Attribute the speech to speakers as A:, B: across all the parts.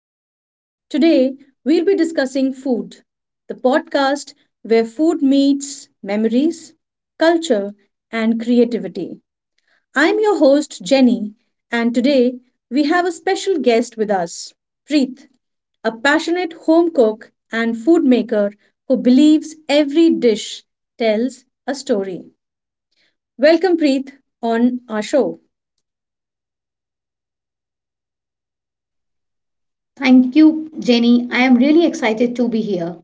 A: Hacks. Today, we'll be discussing food, the podcast where food meets memories, culture, and creativity. I'm your host, Jenny, and today we have a special guest with us, Preet, a passionate home cook and food maker who believes every dish tells a story. Welcome, Preet, on our show.
B: Thank you, Jenny. I am really excited to be here.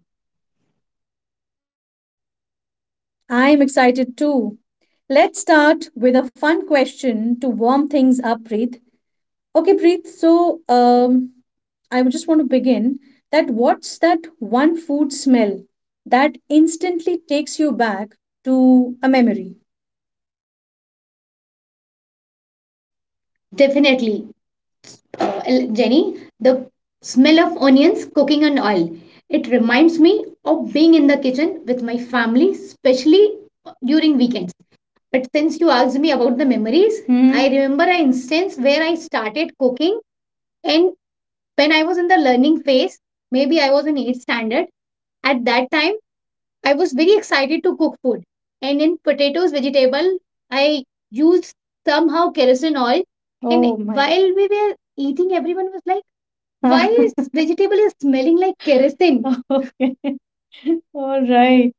A: I'm excited too. Let's start with a fun question to warm things up, Preet. Okay, Preet, so I would just want to begin that what's that one food smell that instantly takes you back to a memory?
B: Definitely. Uh, Jenny, the smell of onions cooking on oil. It reminds me of being in the kitchen with my family, especially during weekends. But since you asked me about the memories, Hmm, I remember an instance where I started cooking, and when I was in the learning phase, maybe I was in 8th standard. At that time I was very excited to cook food. And in potatoes, vegetable, I used somehow kerosene oil. And oh my. While we were eating, everyone was like, why is vegetable is smelling like kerosene? Okay. All right.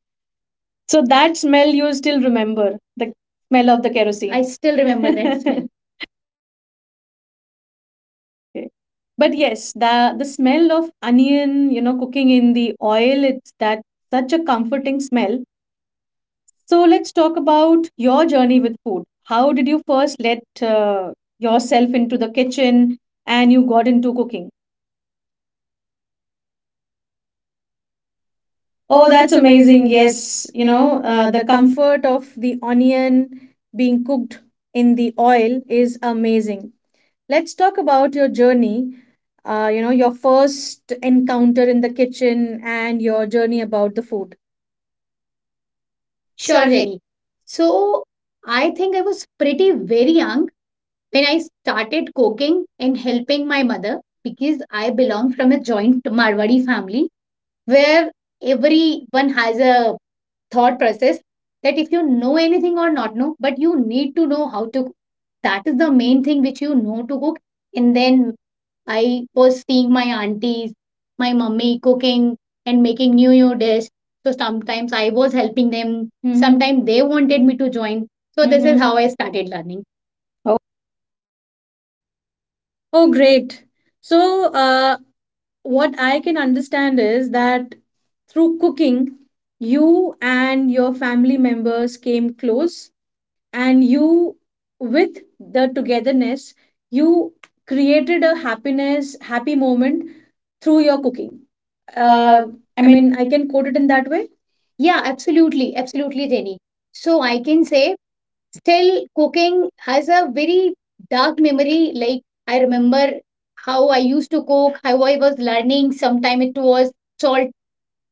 B: So that smell you still remember the smell of the kerosene. I still remember that smell. Okay. But yes, the smell of onion, cooking in the oil, it's that such a comforting smell. So let's talk about your journey with food. How did you first let yourself into the kitchen and you got into cooking? Oh,
A: Oh,
B: that's
A: that's
B: amazing.
A: amazing.
B: Yes,
A: Yes,
B: you know, the
A: the
B: comfort.
A: comfort of the onion being cooked in the oil is amazing. Let's talk about your journey, your first encounter in the kitchen and your journey about the food.
B: Sure,
A: Sure, Jay.
B: Jenny. So I think I was pretty very young when I started cooking and helping my mother because I belong from a joint Marwadi family where everyone has a thought process that if you know anything or not know, but you need to know how to cook. That is the main thing which you know to cook. And then I was seeing my aunties, my mummy cooking and making new new dish. So sometimes I was helping them. Mhm. Sometimes they wanted me to join. So this Mhm. is how I started learning. Oh,
A: Oh, great. So, what I can understand is that through cooking, you and your family members came close, and you, with the togetherness, you created a happy moment through your cooking.
B: uh,
A: Uh,
B: I
A: I
B: mean,
A: mean, I can quote it in that way.
B: yeah, absolutely, absolutely, Jenny. So I can say still, cooking has a very dark memory. Like, I remember how I used to cook, how I was learning. Sometimes it was salt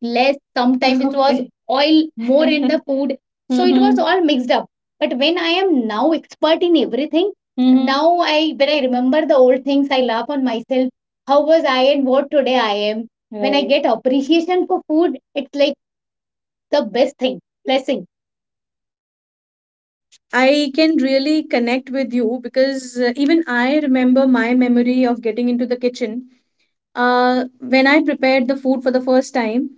B: less, sometimes it was okay oil more in the food. So, it was mm-hmm, all mixed up. But when I am now expert in everything, mm-hmm, now I when I remember the old things, I laugh on myself. How was I and what today I am? When I right get appreciation for food, it's like the best thing, blessing.
A: I can really connect with you because even I remember my memory of getting into the kitchen. When I prepared the food for the first time,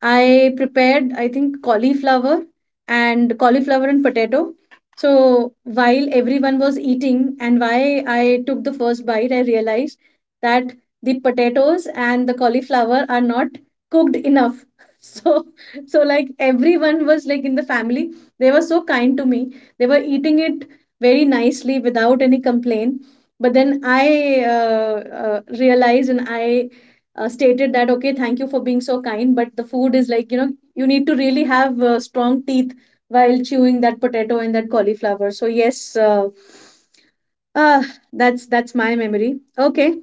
A: I prepared, I think, cauliflower and potato. So while everyone was eating and why I took the first bite, I realized that the potatoes and the cauliflower are not cooked enough. So, so, like, everyone was like in the family, they were so kind to me, they were eating it very nicely without any complaint, but then I uh, realized, and I stated that, okay, thank you for being so kind, but the food is like, you need to really have strong teeth while chewing that potato and that cauliflower. So yes, uh, uh, that's my memory. Okay,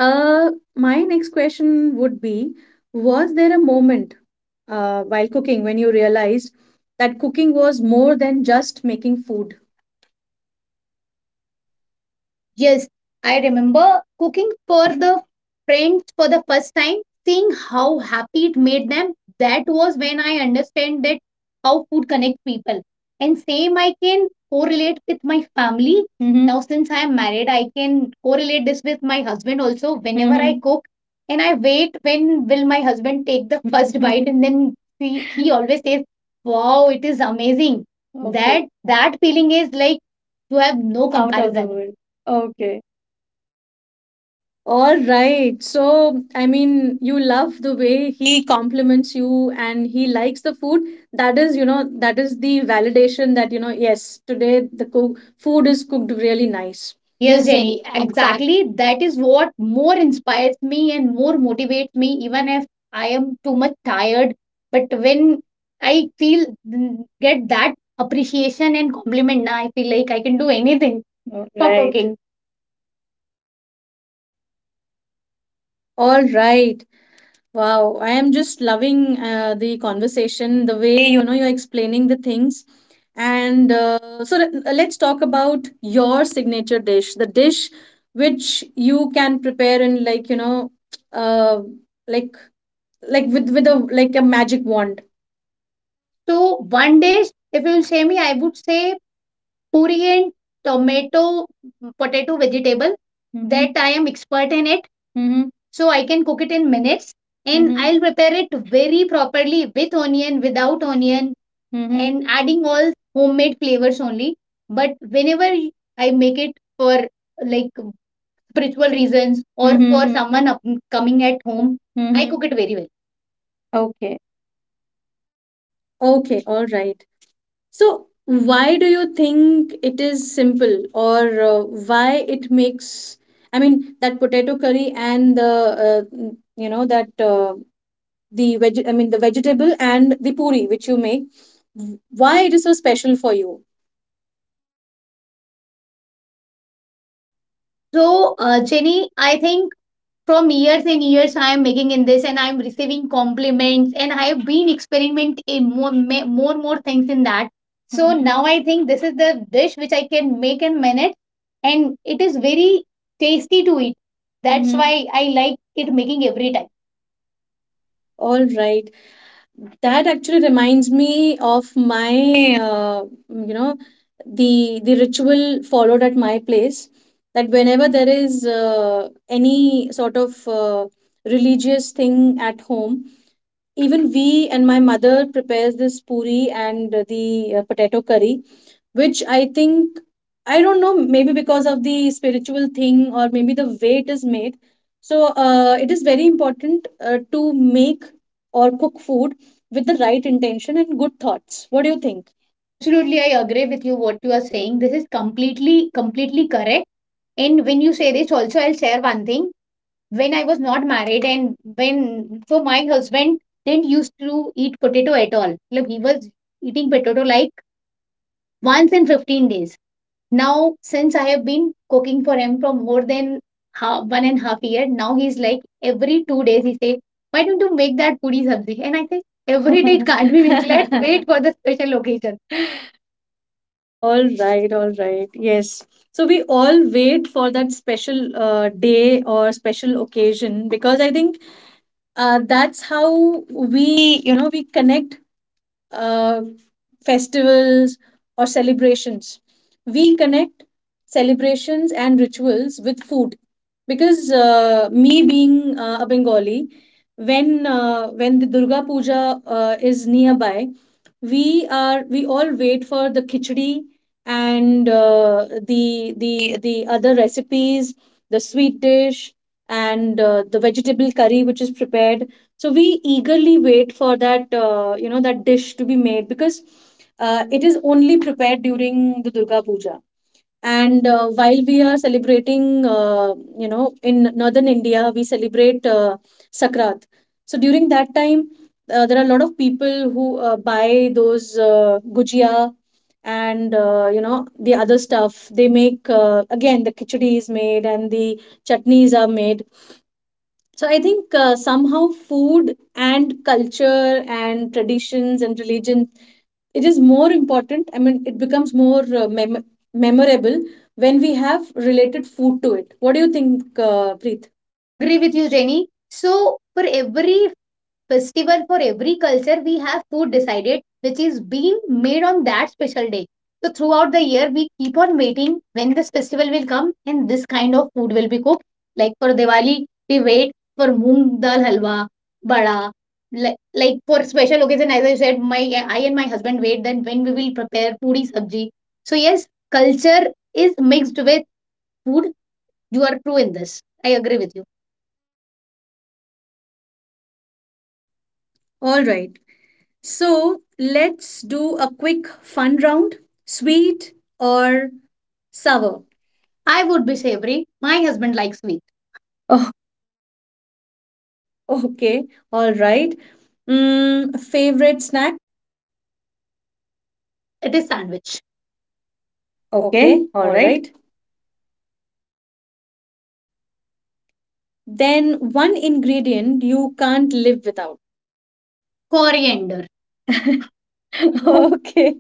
A: my next question would be, was there a moment while cooking when you realized that cooking was more than just making food?
B: Yes, I remember cooking for the friends for the first time, seeing how happy it made them. That was when I understand that how food connects people. And same I can correlate with my family. Hmm. Now since I am married, I can correlate this with my husband also. Whenever I hmm cook and I wait when will my husband take the first bite and then he always says, wow, it is amazing. Okay. That that feeling is like you have no out of the comparison world. Okay.
A: All right. So, I mean, you love the way he compliments you and he likes the food. That is the validation that, yes, today the cook food is cooked really nice.
B: Yes, Jenny,
A: Exactly.
B: exactly. That is what more inspires me and more motivates me, even if I am too much tired. But when I feel mm, get that appreciation and compliment, na, I feel like I can do anything. Oh, for right cooking.
A: All right. Wow, I am just loving the conversation, the way you're explaining the things. And so let's talk about your signature dish, the dish which you can prepare in, like, you know, uh, like like, with a magic wand.
B: So one dish, if you say me, I would say puri and tomato, potato, vegetable. Mhm. That I am expert in it. Mhm. So I can cook it in minutes and mhm, I'll prepare it very properly with onion, without onion, mhm, and adding all homemade flavors only. But whenever I make it for like spiritual reasons or mhm, for mhm someone up- coming at home, I mhm cook it very well. Okay.
A: Okay, all right. So why do you think it is simple, or why it makes, I mean, that potato curry and the that the veg I mean, the vegetable and the puri which you make, why it is so special for you.
B: So, Jenny, I think from years and years I am making in this and I am receiving compliments and I have been experimenting more more things in that, so mhm now I think this is the dish which I can make in minute and it is very tasty to eat. That's mhm why I like it making every time.
A: All right, that actually reminds me of my you know the ritual followed at my place, that whenever there is any sort of religious thing at home, even we and my mother prepares this puri and the potato curry, which, I think, I don't know, maybe because of the spiritual thing or maybe the way it is made. So it is very important to make or cook food with the right intention and good thoughts. What do you think?
B: Absolutely I agree with you what you are saying, this is completely completely correct. And when you say this also I'll share one thing. When I was not married and when so my husband didn't used to eat potato at all. Like he was eating potato like once in 15 days. Now since I have been cooking for him for more than half, 1.5 years, now he's like every 2 days he say, why don't you make that puri sabzi? And I say every day it can't be made. Let's wait for the special occasion.
A: All right, all right. Yes. So we all wait for that special day or special occasion, because I think that's how we connect uh, festivals or celebrations. We connect celebrations and rituals with food because me being a Bengali, when the Durga Puja is nearby, we all wait for the khichdi and the other recipes, the sweet dish, and the vegetable curry which is prepared. So we eagerly wait for that that dish to be made, because it is only prepared during the Durga Puja. And while we are celebrating, in Northern India we celebrate Sakrat. So during that time there are a lot of people who buy those gujia and the other stuff they make. Again, the khichdi is made and the chutneys are made. So I think somehow food and culture and traditions and religion, it is more important, I mean, it becomes more memorable when we have related food to it. What do you think, Preet?
B: Agree with you, Jenny. So for every festival for every culture we have food decided which is being made on that special day, so throughout the year we keep on waiting when this festival will come and this kind of food will be cooked. Like for diwali we wait for moong dal halwa bada, like, like for special occasion as I said my I and my husband wait then when we will prepare puri sabji. So yes, culture is mixed with food. You are true in this, I agree with you.
A: All right. So let's do a quick fun round. Sweet or sour?
B: I would be savory, my husband likes sweet. Oh,
A: Okay, all right. Mm, favorite snack.
B: it is sandwich. Okay.
A: Okay,
B: All
A: all
B: right.
A: right. Then, one ingredient you can't live without.
B: Coriander.
A: Okay,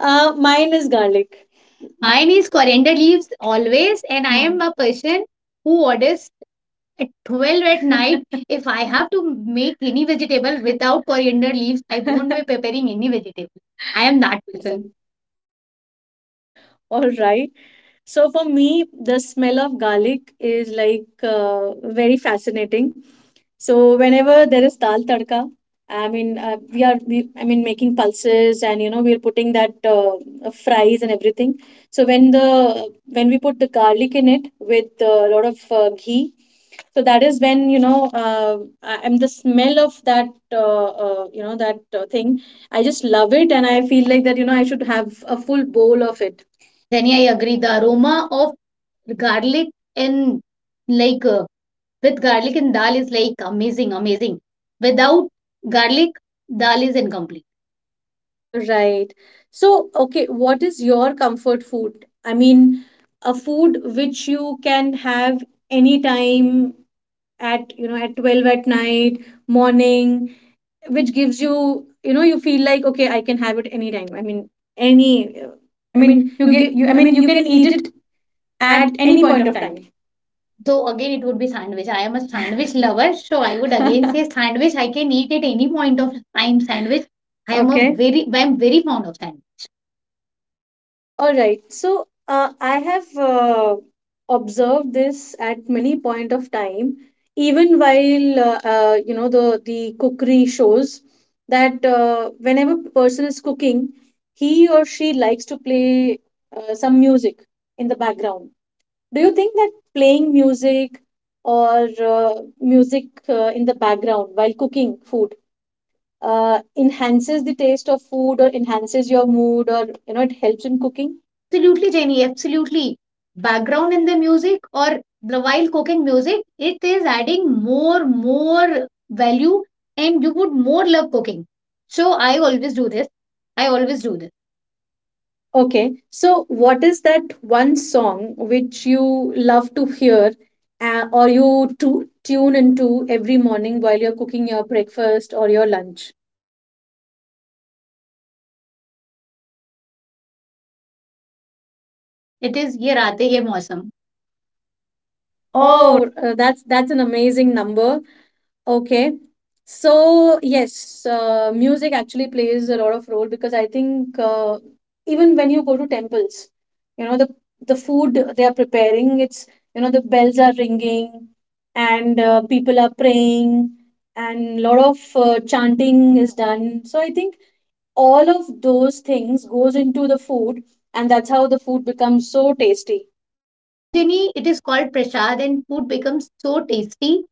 A: mine is garlic.
B: Mine is coriander leaves always, and I hmm am a person who orders at 12 at night. If I have to make any vegetable without coriander leaves, I won't be preparing any vegetable. I am that
A: That
B: person.
A: person. All right. So for me, the smell of garlic is like, very fascinating. So whenever there is dal tadka, I mean, we, I mean, making pulses, and we are putting that fries and everything. So when we put the garlic in it with a lot of ghee, so that is when I'm the smell of that that thing. I just love it, and I feel like that I should have a full bowl of it.
B: Jenny, I agree. The aroma of garlic and like with garlic and dal is like amazing, amazing. Without garlic, dal is incomplete.
A: Right. So, okay, what is your comfort food? I mean, a food which you can have anytime, at 12 at night, morning, which gives you, you feel like, okay, I can have it anytime. I mean, any,
B: I
A: I
B: mean,
A: mean,
B: you get you. I mean, you
A: you
B: can
A: can
B: eat
A: eat
B: it
A: it
B: at
A: at
B: any
A: any
B: point
A: point
B: of
A: of
B: time.
A: time.
B: So again, it would be sandwich. I am a sandwich lover, so I would again say sandwich. I can eat at any point of time sandwich. I am a okay very, I am very fond of sandwich.
A: All right. So I have observed this at many point of time, even while the cookery shows, that whenever person is cooking, he or she likes to play some music in the background. Do you think that playing or uh, music in the background while cooking food enhances the taste of food, or enhances your mood, or it helps in cooking?
B: Absolutely, Jenny. Absolutely. Background in the music or the while cooking music, it is adding more, more value, and you would more love cooking. So I always do this. I always do this.
A: Okay, so what is that one song which you love to hear, or you to tune into every morning while you're cooking your breakfast or your lunch?
B: It is ye raate ye mausam. Oh,
A: Oh, that's an amazing number. Okay. So, yes, music actually plays a lot of role, because I think even when you go to temples, you know, the the food they are preparing, the bells are ringing, and people are praying, and lot of chanting is done. So I think all of those things goes into the food, and that's how the food becomes so tasty.
B: that's why, Jenny, it is called prasad, and food becomes so tasty.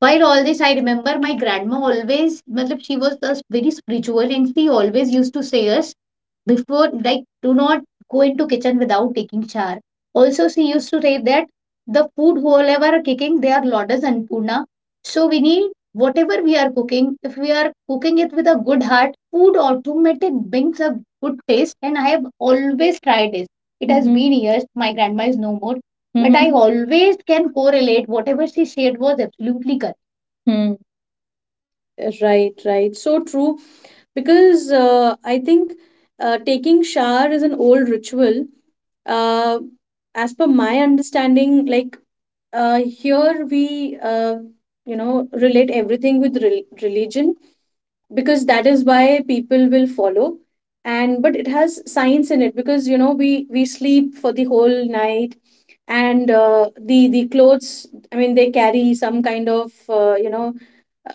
B: While all this, I remember my grandma always, matlab, she was thus very spiritual and she always used to say us before, like, do not go into kitchen without taking shower. Also, she used to say that the food whoever are cooking, they are lotus and puna. So we need whatever we are cooking, if we are cooking it with a good heart, food automatic brings a good taste. And I have always tried this. It has hmm been years. My grandma is no more. But I hmm always can correlate whatever she shared was absolutely correct. Hmm.
A: Right, right. So true. Because I think taking shower is an old ritual. Uh, as per my understanding, like, here we relate everything with religion, because that is why people will follow. And but it has science in it, because we sleep for the whole night, and the clothes, I mean, they carry some kind of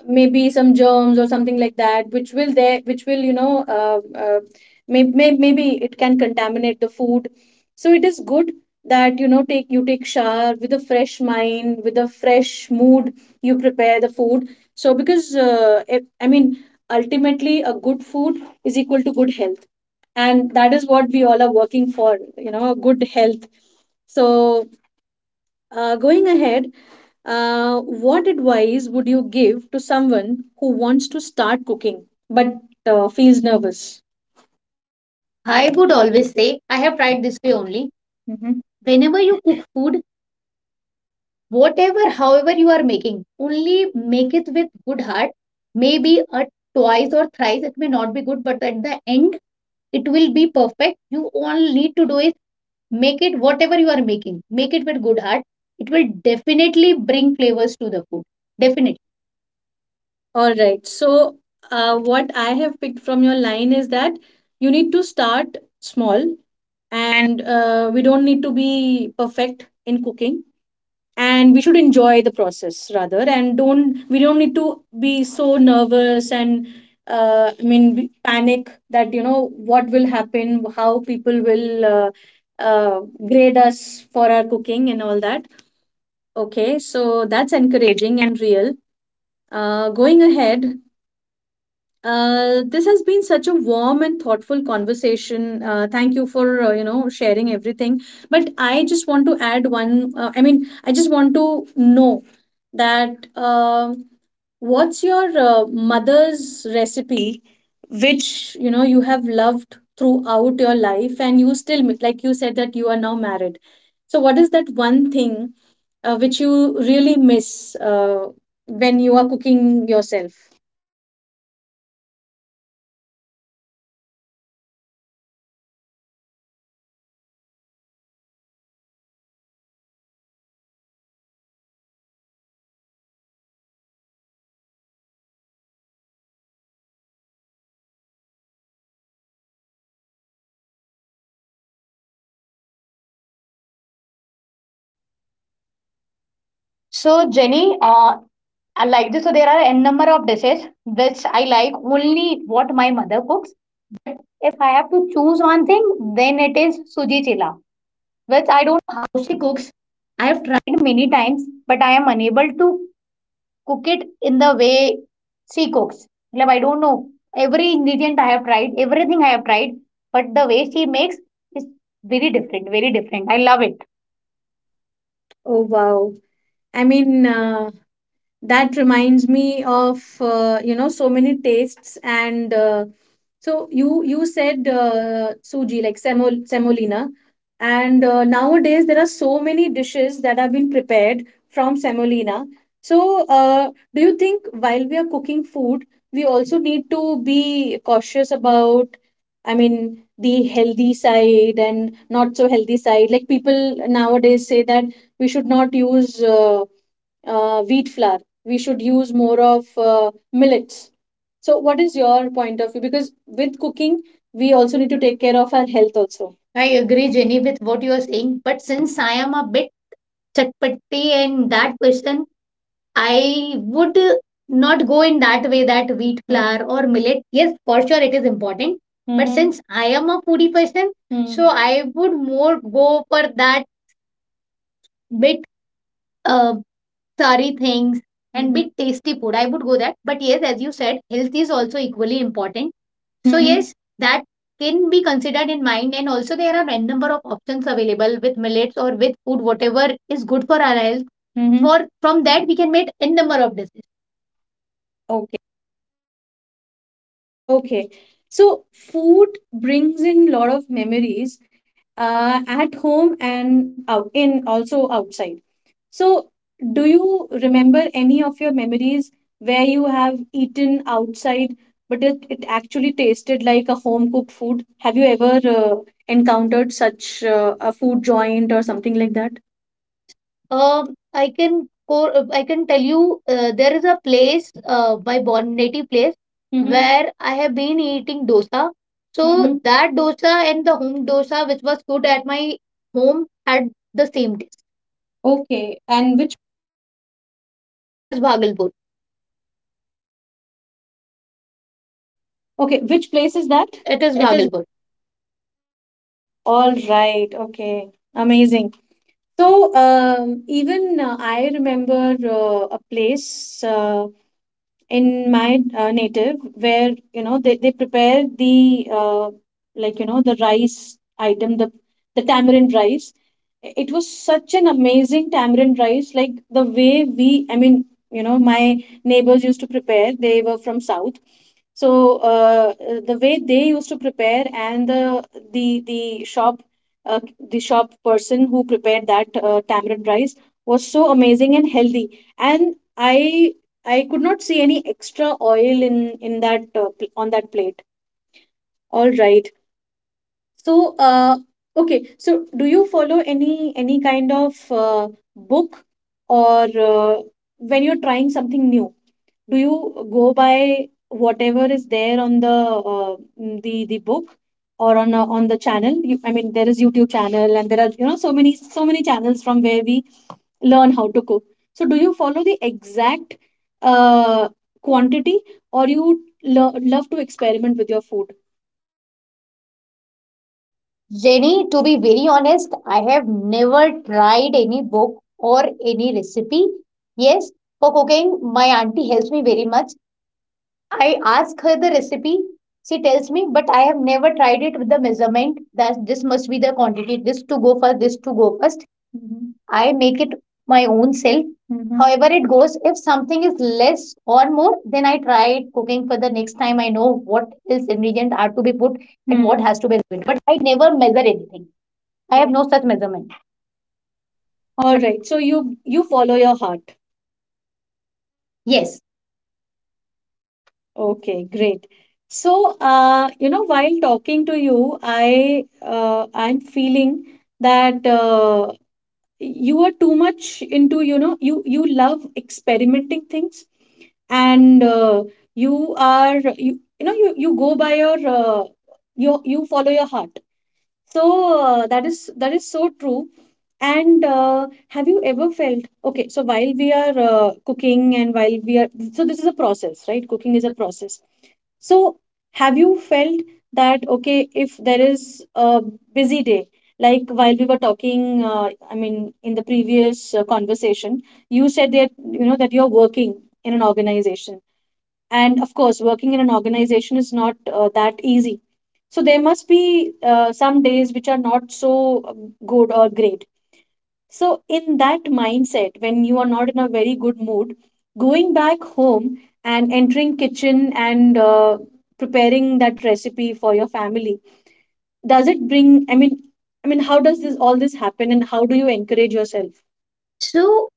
A: maybe some germs or something like that, which will there, which will you know may, maybe it can contaminate the food. So it is good that take shower with a fresh mind, with a fresh mood, you prepare the food. So because if, I mean, ultimately a good food is equal to good health, and that is what we all are working for, good health. So going ahead, what advice would you give to someone who wants to start cooking but feels nervous?
B: I would always say, I have tried this way only. Mhm. Whenever you cook food, whatever, however you are making, only make it with good heart. Maybe a twice or thrice it may not be good, but at the end it will be perfect. You all need to do is make it whatever you are making, make it with good heart. It will definitely bring flavors to the food. Definitely.
A: All right. So, what I have picked from your line is that you need to start small, and we don't need to be perfect in cooking, and we should enjoy the process rather. And don't we don't need to be so nervous and I mean, panic that what will happen, how people will uh, grade us for our cooking and all that. Okay, so that's encouraging and real. Going ahead, this has been such a warm and thoughtful conversation. Thank you for sharing everything. But I just want to add one. I mean, I just want to know that, what's your mother's recipe, which you have loved throughout your life, and you still like you said that you are now married. So what is that one thing which you really miss when you are cooking yourself? Oh wow. I mean, that reminds me of so many tastes, and so you said suji, like semolina, and nowadays there are so many dishes that have been prepared from semolina. So do you think while we are cooking food, we also need to be cautious about, the healthy side and not so healthy side? Like people nowadays say that we should not use. Wheat flour. We should use more of millets. So, what is your point of view? Because with cooking, we also need to take care of our health also.
B: I agree, Jenny, with what you are saying. But since I am a bit chatpatti and that question, I would not go in that way that wheat hmm flour or millet. Yes, for sure it is important. But hmm since I am a foodie person, so hmm I would more go for that bit uh, sorry things and hmm bit tasty food. I would go that. But yes, as you said, health is also equally important. So mm-hmm, yes, that can be considered in mind and also there are n number of options available with millets or with food whatever is good for our health. Mm-hmm. For from that we can make n number of decisions. Okay.
A: Okay. So food brings in lot of memories at home and out in also outside. So do you remember any of your memories where you have eaten outside but it actually tasted like a home cooked food? Have you ever encountered such a food joint or something like that?
B: Yes, I can go, I can tell you there is a place, my born native place, mm-hmm, where I have been eating dosa. So mm-hmm, that dosa and the home dosa, which was good at my home, had the same taste. Okay. And which it is Bhagalpur.
A: Okay, which place is that?
B: It is
A: It is
B: Bhagalpur.
A: all right. Okay. Amazing. So even I remember a place in my native where you know they prepare the like you know the rice item the tamarind rice. It was such an amazing tamarind rice, like the way we, I mean, you know my neighbors used to prepare, they were from south. So the way they used to prepare and the shop, uh, the shop person who prepared that tamarind rice was so amazing and healthy. And i I could not see any extra oil in that on that plate. All right. So, okay. So, do you follow any kind of book or when you're trying something new, do you go by whatever is there on the the book or on the channel? You, I mean, there is YouTube channel and there are you know so many channels from where we learn how to cook. So, do you follow the exact uh, quantity or you love to experiment with your food? All right. So you follow your heart.
B: Yes.
A: Okay, great. So you know, while talking to you, I'm feeling that you are too much into, you know, you love experimenting things, and you are you, you know, you go by your you follow your heart. So that is so true. And have you ever felt okay? So while we are cooking and while we are so this is a process, right? Cooking is a process. So have you felt that okay, if there is a busy day, like while we were talking, I mean in the previous conversation, you said that you know that you're working in an organization, and of course working in an organization is not that easy, so there must be some days which are not so good or great. So in that mindset, when you are not in a very good mood, going back home and entering kitchen and preparing that recipe for your family, does it bring? I mean, how does this all this happen, and how do you encourage yourself?
B: So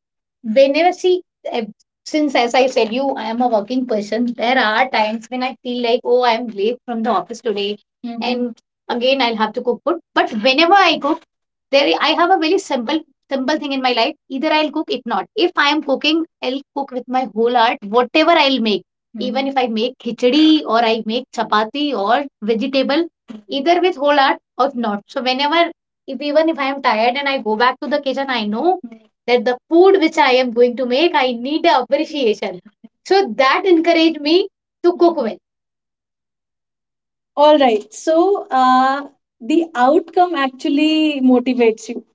B: whenever see eh, since as I said you I am a working person, there are times when I feel like oh I'm late from the office today. Mhm. And again I'll have to cook food. But whenever I cook there I have a very simple thing in my life, either I'll cook if not if I am cooking I'll cook with my whole heart whatever I'll make, even mhm if I make khichdi or I make chapati or vegetable, either with whole heart or not. So whenever if even if I am tired and I go back to the kitchen I know that the food which I am going to make, I need a appreciation. So that encouraged me to cook well.
A: All right. So the outcome actually motivates you.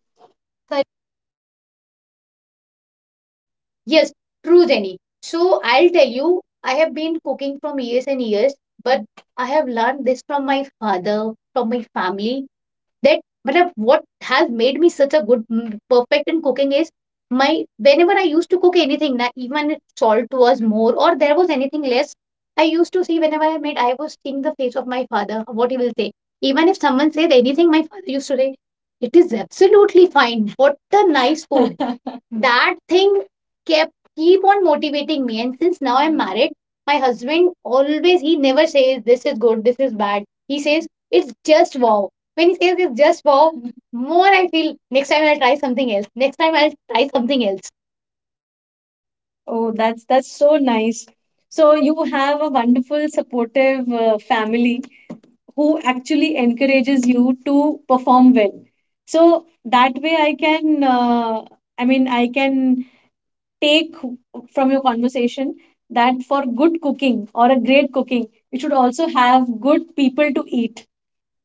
B: Yes, true, Jenny. So I'll tell you, I have been cooking from years and years, but I have learned this from my father, from my family, that but what has made me such a good perfect in cooking is my whenever I used to cook anything, na, even if salt was more or there was anything less, I used to see whenever I made, I was seeing the face of my father, what he will say. Even if someone said anything, my father used to say, "It is absolutely fine. What a nice food." That thing kept keep on motivating me. And since now I'm married, my husband always, he never says this is good, this is bad. He says it's just wow. When he says it's just wow, more I feel, next time I'll try something else, next time I'll try something else.
A: Oh, that's so nice. So you have a wonderful, supportive family who actually encourages you to perform well. So that way, I can, I mean, I can take from your conversation that for good cooking or a great cooking, you should also have good people to eat.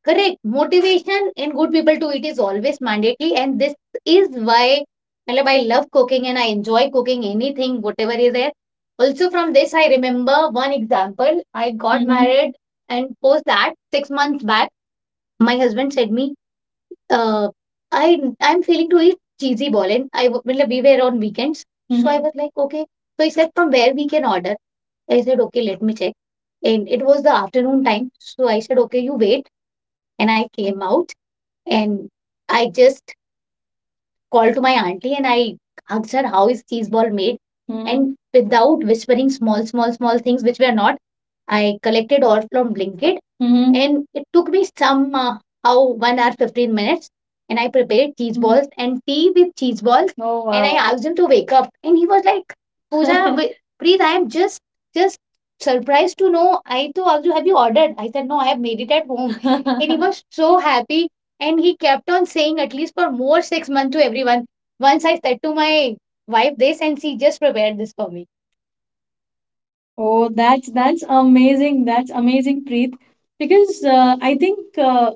B: Correct. Motivation in good people too, it is always mandatory. And this is why matlab, I love cooking and I enjoy cooking anything whatever is there. Also from this I remember one example. I got married, and post that 6 months back. My husband said me, uh, "I'm feeling to eat cheesy ball," and I w matlab we were on weekends, so I, Mhm, was like, "Okay." So he said, "From where we can order?" I said, "Okay, let me check." And it was the afternoon time, so I said, "Okay, you wait." And I came out and I just called to my auntie and I asked her, "How is cheese ball made?" Mhm. And without whispering small, small, small things which were not, I collected all from Blinkit, Mm-hmm, and it took me some how 1 hour 15 minutes, and I prepared cheese balls and tea with cheese balls, Oh wow, and I, wow, asked him to wake up, and he was like, "Pooja, Preet, I am just surprised to know. I to asked you, have you ordered? I said no, I have made it at home." And he was so happy, and he kept on saying at least for more 6 months to everyone. Once I said to my wife this, and she just prepared this for me.
A: Oh, that's amazing. That's amazing, Preet. Because I think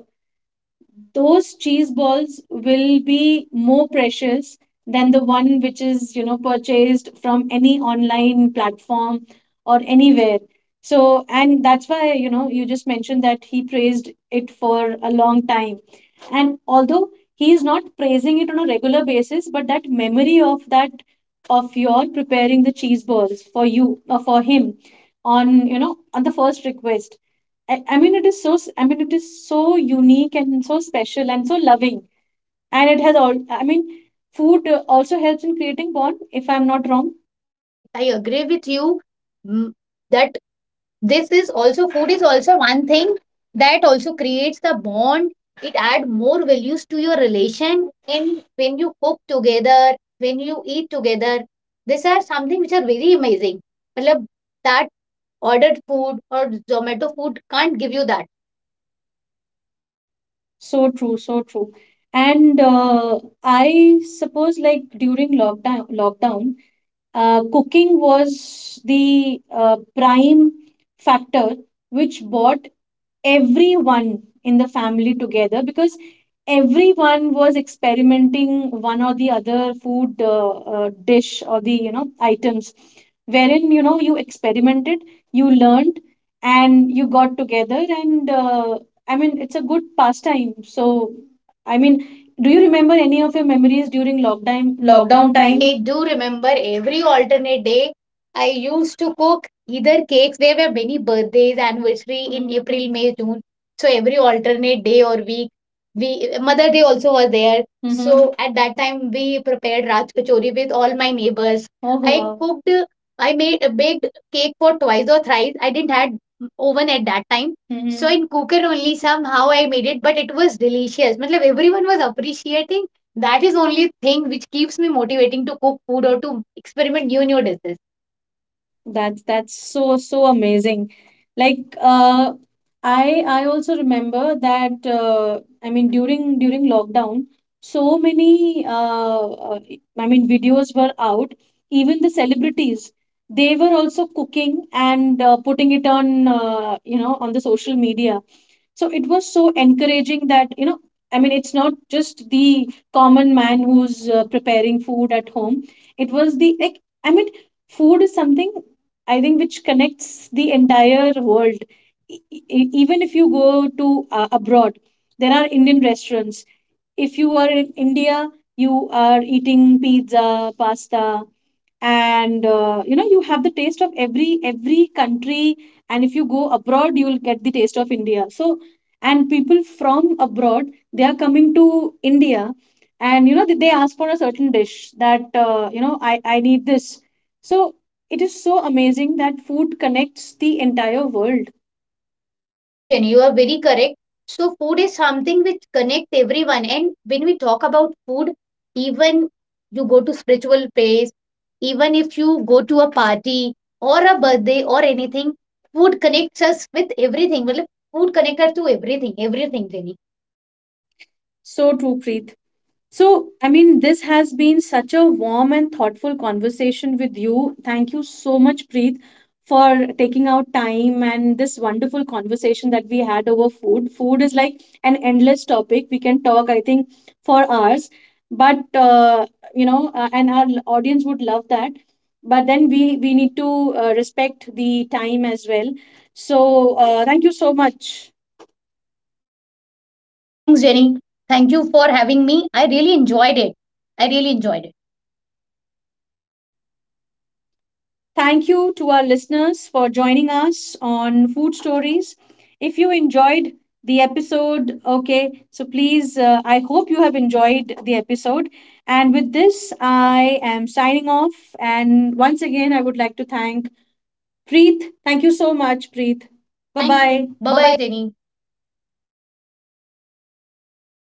A: those cheese balls will be more precious than the one which is you know purchased from any online platform or anywhere. So and that's why you know you just mentioned that he praised it for a long time, and although he is not praising it on a regular basis, but that memory of that of your preparing the cheese balls for you for him on you know on the first request, I mean, it is so, I mean, it is so unique and so special and so loving. And it has all, I mean, food also helps in creating bond, if I'm not wrong.
B: Correct. I agree with you. Mm. That this is also, food is also one thing that also creates the bond. It add more values to your relation. And when you cook together, when you eat together, these are something which are very amazing. Matlab, that ordered food or zomato food can't give you that.
A: So true, so true. And I suppose like during lockdown, cooking was the prime factor which brought everyone in the family together, because everyone was experimenting one or the other food dish or the you know items wherein you know you experimented, you learned, and you got together. And I mean it's a good pastime. So I mean, do you remember any of your memories during lockdown
B: Lockdown
A: lockdown
B: time?
A: time?
B: I do remember every alternate day I used to cook either cakes. There were many birthdays, anniversary in April, May, June. So every alternate day or week, we Mother Day also was there. Mm-hmm. So at that time we prepared Raj Kachori with all my neighbors. Oh, wow. I, wow, cooked. I made a baked cake for twice or thrice. I didn't had oven at that time. Mm-hmm. So in cooker only somehow I made it, but it was delicious. Matlab, everyone was appreciating. That is only thing which keeps me motivating to cook food or to experiment new new dishes.
A: That's so so amazing. Like I also remember that I mean during lockdown, so many I mean videos were out. Even the celebrities, they were also cooking and putting it on you know on the social media. So it was so encouraging that you know I mean it's not just the common man who's preparing food at home. It was the like I mean food is something I think which connects the entire world. Even if you go to abroad, there are Indian restaurants. If you are in India, you are eating pizza, pasta, and you know you have the taste of every country. And if you go abroad you will get the taste of India. So and people from abroad, they are coming to India, and you know they ask for a certain dish that you know I need this. So it is so amazing that food connects the entire world.
B: Correct, Jenny. You are very correct. So food is something which connects everyone. And when we talk about food, even you go to spiritual place, even if you go to a party or a birthday or anything, food connects us with everything. Well, food connects us to everything, everything, Jenny.
A: So true, Preet. So, I mean, this has been such a warm and thoughtful conversation with you. Thank you so much, Preet, for taking out time and this wonderful conversation that we had over food. Food is like an endless topic. We can talk, I think, for hours. But, you know, and our audience would love that. But then we need to respect the time as well. So, thank you so much.
B: Thanks, Jenny. Thank you for having me. I really enjoyed it. I really enjoyed it.
A: Thank you to our listeners for joining us on Food Stories. If you enjoyed the episode, okay, so please, I hope you have enjoyed the episode. And with this, I am signing off. And once again, I would like to thank Preet. Thank you so much, Preet.
B: Bye
A: Bye
B: bye.
A: Thank you. Bye.
B: Bye
A: Bye
B: bye,
A: bye.
B: Jenny.